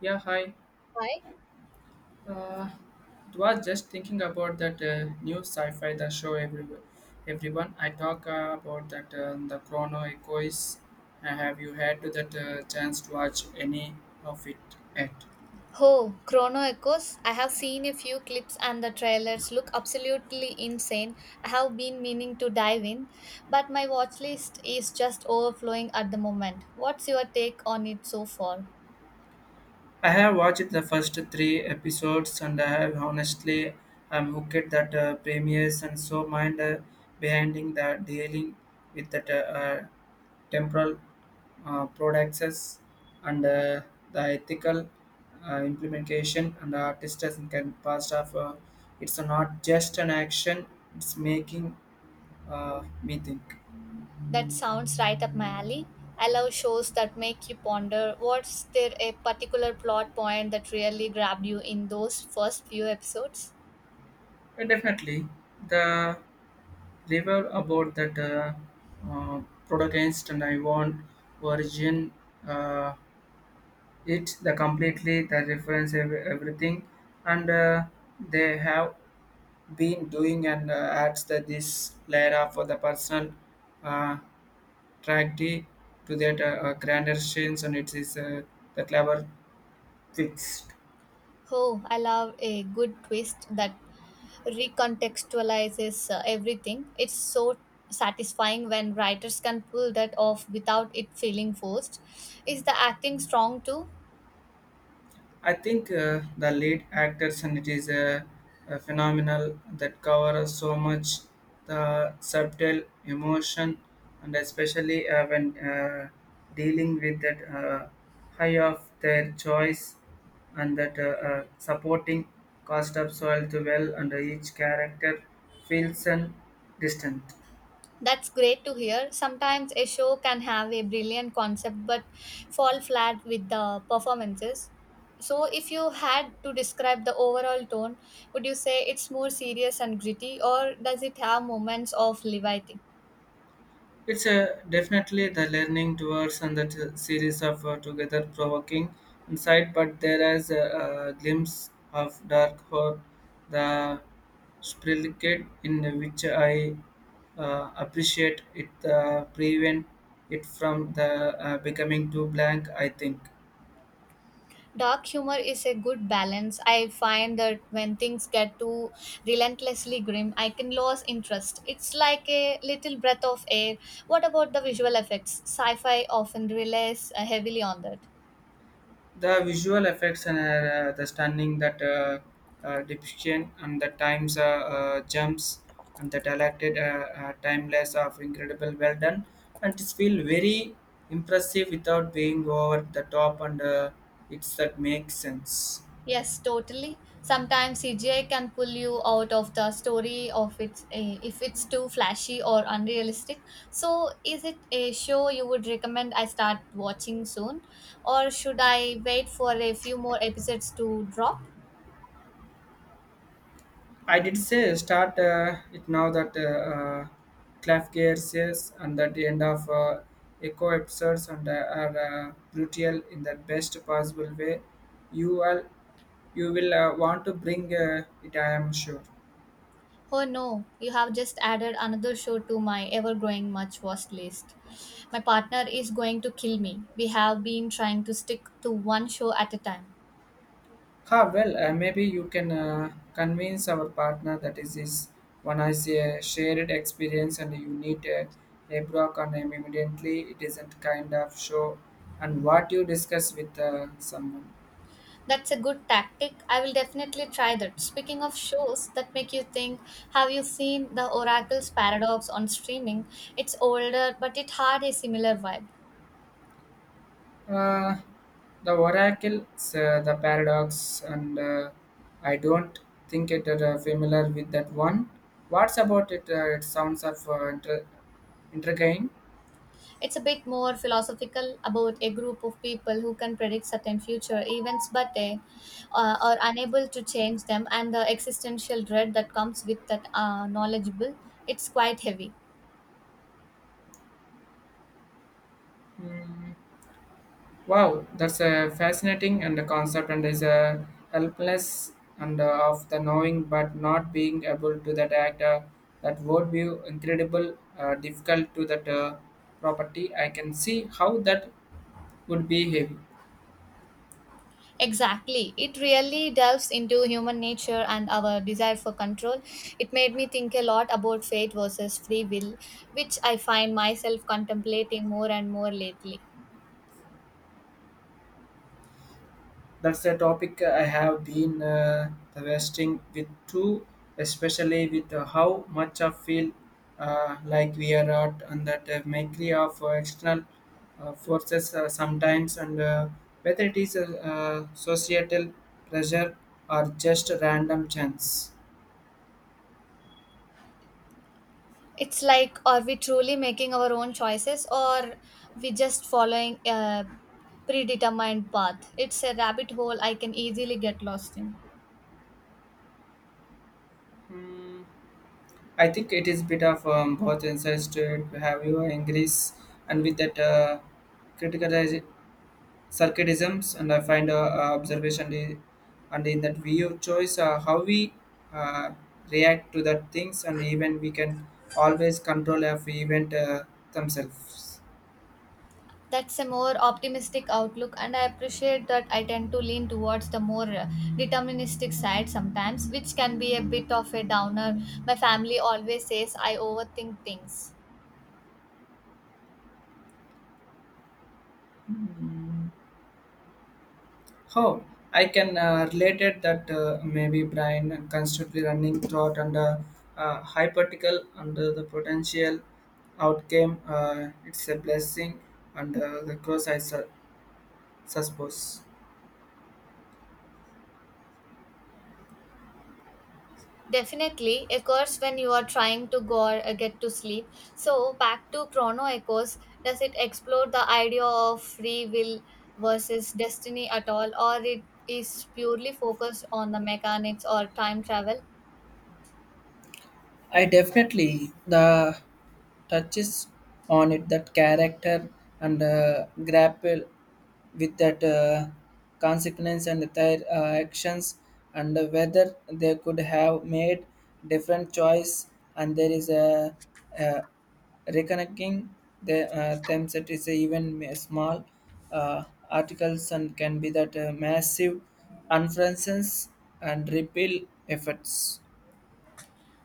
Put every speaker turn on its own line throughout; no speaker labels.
Yeah, hi.
Why?
Uh, it was just thinking about that new sci-fi that show everywhere. Everyone, I talk about that the Chrono Echo is. Have you had that chance to watch any of it yet?
Oh, Chrono Echoes. I have seen a few clips and the trailers look absolutely insane. I have been meaning to dive in, but my watch list is just overflowing at the moment. What's your take on it so far?
I have watched the first three episodes, and I have honestly I'm hooked that premieres and so mind behind the dealing with that temporal products and the ethical implementation and the artistic can pass off. It's not just an action it's making me think
That sounds right up my alley. I love shows that make you ponder was there a particular plot point that really grabbed you in those first few episodes?
and definitely the river about that uh, protagonist and I want origin uh, it the completely the reference everything and they have been doing and adds that this layer for the personal uh, tragedy to that grander scenes and it is the clever fix.
Oh, I love a good twist that recontextualizes everything. It's so satisfying when writers can pull that off without it feeling forced. Is the acting strong too?
I think the lead actors and it is a phenomenal that covers so much the subtle emotion and especially when dealing with that high of their choice and that supporting cast of soil to well and each character feels and distant.
That's great to hear. Sometimes a show can have a brilliant concept but fall flat with the performances. So, if you had to describe the overall tone, would you say it's more serious and gritty, or does it have moments of levity?
It's definitely the learning towards and that series of together provoking insight, but there is a glimpse of dark horror, the sprillicate in which I appreciate it prevent it from the becoming too blank. I think.
Dark humor is a good balance. I find that when things get too relentlessly grim, I can lose interest. It's like a little breath of air. What about the visual effects? Sci fi often relies heavily on that.
The visual effects and the stunning that depiction and the times jumps and the dilated timeless of incredible well done and it's feel very impressive without being over the top and it's that makes sense.
Yes, totally. Sometimes CGI can pull you out of the story of it if it's too flashy or unrealistic. So, is it a show you would recommend I start watching soon, or should I wait for a few more episodes to drop?
I did say start it now that uh, Clef Gear says and at the end of Echo episodes and are brutal in the best possible way. You all you will want to bring it, I am sure.
Oh no, you have just added another show to my ever growing much worse list. My partner is going to kill me. We have been trying to stick to one show at a time.
Ah, well, maybe you can convince our partner that is this one has a shared experience and you need a broke on him immediately. It isn't kind of show and what you discuss with someone.
That's a good tactic. I will definitely try that. Speaking of shows that make you think, have you seen The Oracle's Paradox on streaming? It's older, but it had a similar vibe.
Uh, the oracle, the paradox, and I don't think it familiar with that one. What's about it? It sounds of intriguing.
It's a bit more philosophical about a group of people who can predict certain future events but they are unable to change them, and the existential dread that comes with that knowledgeable. It's quite heavy.
Hmm. Wow, that's a fascinating and a concept and is a helpless and of the knowing but not being able to that act that would be incredible difficult to that property. I can see how that would be heavy.
Exactly. It really delves into human nature and our desire for control. It made me think a lot about fate versus free will, which I find myself contemplating more and more lately.
That's a topic I have been wrestling with too, especially with how much I feel like we are at and that mercy of external forces sometimes, and whether it is a societal pressure or just random chance.
It's like, are we truly making our own choices or we just following a predetermined path? It's a rabbit hole I can easily get lost in.
Hmm, I think it is bit of both insights to have you in and with that critical circadisms and I find observation and in that view choice how we uh, react to that things and even we can always control of event themselves.
That's a more optimistic outlook, and I appreciate that I tend to lean towards the more deterministic side sometimes, which can be a bit of a downer. My family always says I overthink things.
How I can relate it that maybe Brian and constantly running throughout under, hypothetical under the potential outcome it's a blessing and the cross suppose.
Definitely occurs when you are trying to go or get to sleep. So back to Chrono Echoes, does it explore the idea of free will versus destiny at all, or it is purely focused on the mechanics or time travel?
I definitely the touches on it that character and grapple with that consequence and their actions and whether they could have made different choice and there is a reconnecting the, them that is even small uh, articles and can be that massive influences and repeal efforts.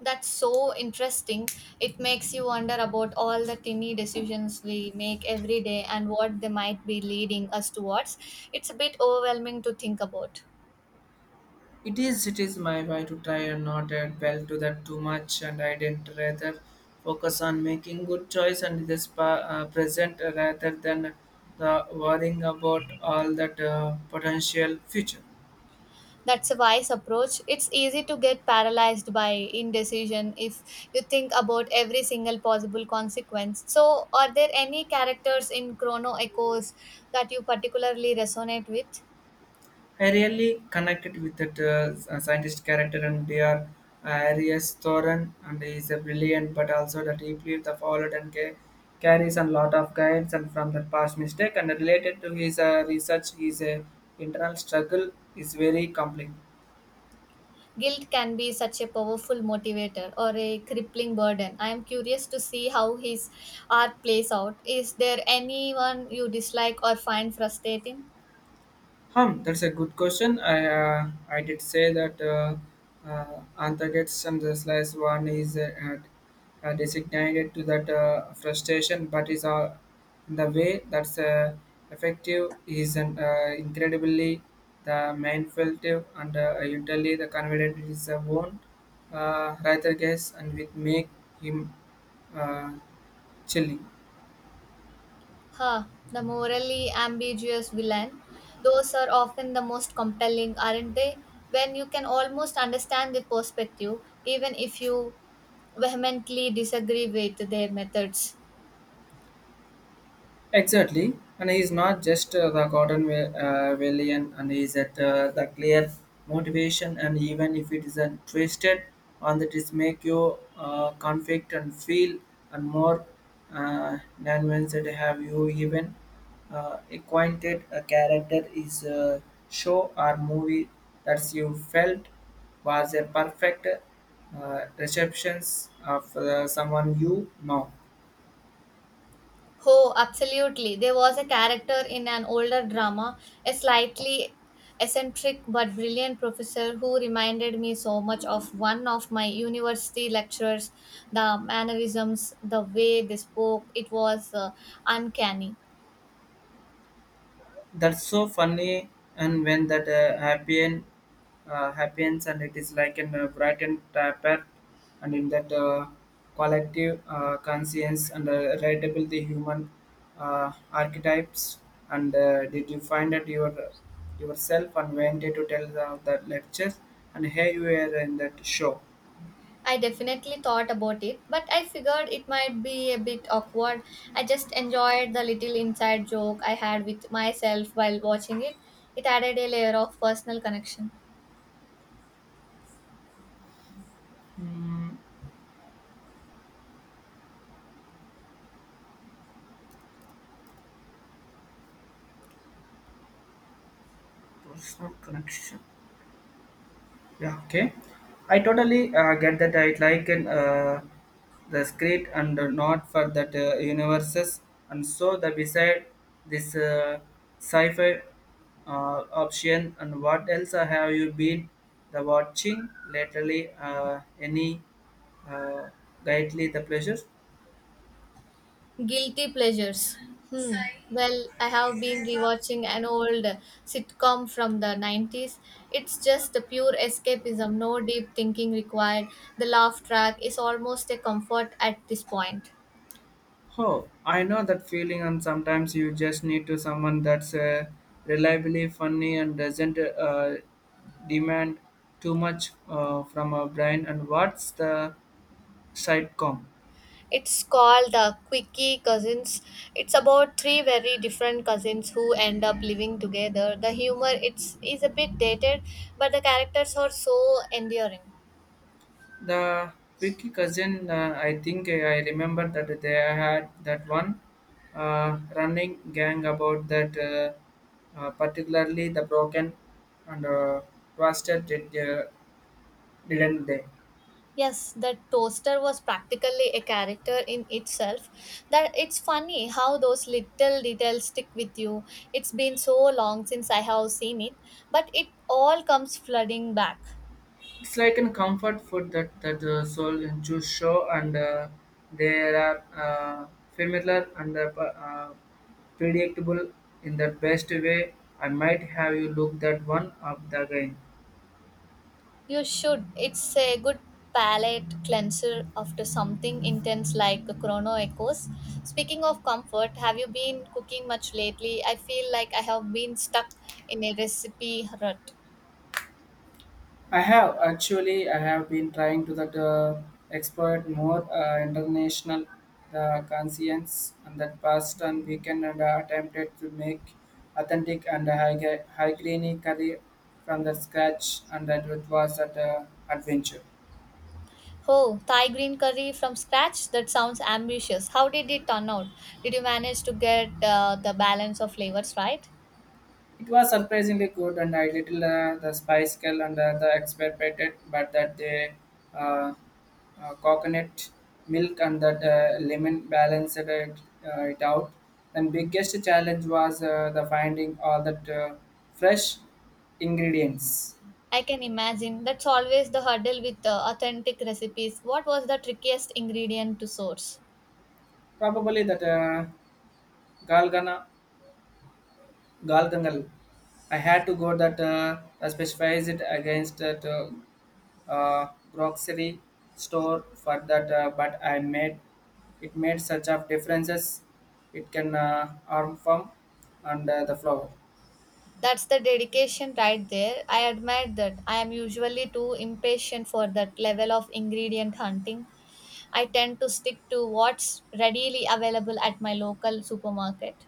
That's so interesting. It makes you wonder about all the tiny decisions we make every day and what they might be leading us towards. It's a bit overwhelming to think about.
It is my way to try and not add well to that too much, and I didn't rather focus on making good choice and this present rather than the worrying about all that potential future.
That's a wise approach. It's easy to get paralyzed by indecision if you think about every single possible consequence. So, are there any characters in Chrono Echoes that you particularly resonate with?
I really connected with that scientist character and their Arias Thorin, and he is a brilliant, but also the deeply the followed and carries a lot of guidance and from the past mistake. And related to his research, his internal struggle is very complex.
Guilt can be such a powerful motivator or a crippling burden. I am curious to see how his art plays out. Is there anyone you dislike or find frustrating?
Hmm, that's a good question. I did say that antagonists and the slice one is designated to that frustration, but is the way that's effective is an, incredibly the mindfultive and usually the confident is a won't rather guess and with make him uh, chilling.
Huh, the morally ambiguous villain. Those are often the most compelling, aren't they? When you can almost understand their perspective, even if you vehemently disagree with their methods.
Exactly, and he is not just the cotton valiant, and he is at the clear motivation, and even if it is a twisted, and that is make you conflict and feel and more nuanced. That have you even acquainted a character is a show or movie that you felt was a perfect receptions of someone you know?
Oh, absolutely. There was a character in an older drama, a slightly eccentric but brilliant professor who reminded me so much of one of my university lecturers. The mannerisms, the way they spoke, it was uncanny.
That's so funny, and when that happens, and it is like an brightened tapper, and in that collective conscience and relatable the human archetypes. And did you find that yourself and went to tell the lectures and here you were in that show?
I definitely thought about it, but I figured it might be a bit awkward. I just enjoyed the little inside joke I had with myself while watching it. It added a layer of personal connection.
Mm, personal connection. Yeah, okay. I totally get that. I like an, the script and not for that universes. And so the beside this sci-fi option and what else have you been the watching lately? Any uh, guidely the pleasure?
Guilty pleasures. Hmm. Well, I have been rewatching an old sitcom from the 90s. It's just the pure escapism, no deep thinking required. The laugh track is almost a comfort at this point.
Oh, I know that feeling, and sometimes you just need to someone that's reliably funny and doesn't demand too much from our brain. And what's the sitcom?
It's called the Quickie Cousins. It's about three very different cousins who end up living together. The humor it's is a bit dated, but the characters are so endearing.
The Vicky cousin, I think I remember that they had that one running gang about that, particularly the broken and twisted, didn't they?
Yes, the toaster was practically a character in itself. That it's funny how those little details stick with you. It's been so long since I have seen it, but it all comes flooding back.
It's like a comfort food that the soul in juice show and they are familiar and uh, predictable in the best way. I might have you look that one up the again.
You should. It's a good palate cleanser after something intense like a Chrono Echoes. Speaking of comfort, have you been cooking much lately? I feel like I have been stuck in a recipe rut.
I have actually. I have been trying to that exploit more international the conscience and that past and weekend and attempted to make authentic and high greeny curry from the scratch and that it was that adventure.
Oh, Thai green curry from scratch? That sounds ambitious. How did it turn out? Did you manage to get the balance of flavors right?
It was surprisingly good, and I little the spice girl and the expected, but that they uh, coconut milk and that lemon balanced it out. And biggest challenge was the finding all that fresh ingredients.
I can imagine. That's always the hurdle with authentic recipes. What was the trickiest ingredient to source?
Probably that galgana galgangal. I had to go that specifies it against that. Uh, Grocery store for that but I made such of differences it can arm from and the flower.
That's the dedication right there. I admire that. I am usually too impatient for that level of ingredient hunting. I tend to stick to what's readily available at my local supermarket.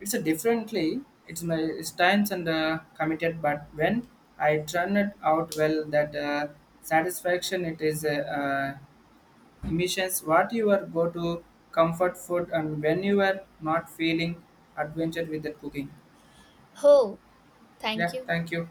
It's a differently it's my it's times and committed but when I turn it out well that satisfaction it is emissions what you are go to comfort food and when you are not feeling adventure with the cooking.
Oh, thank
Yeah,
you.
thank you.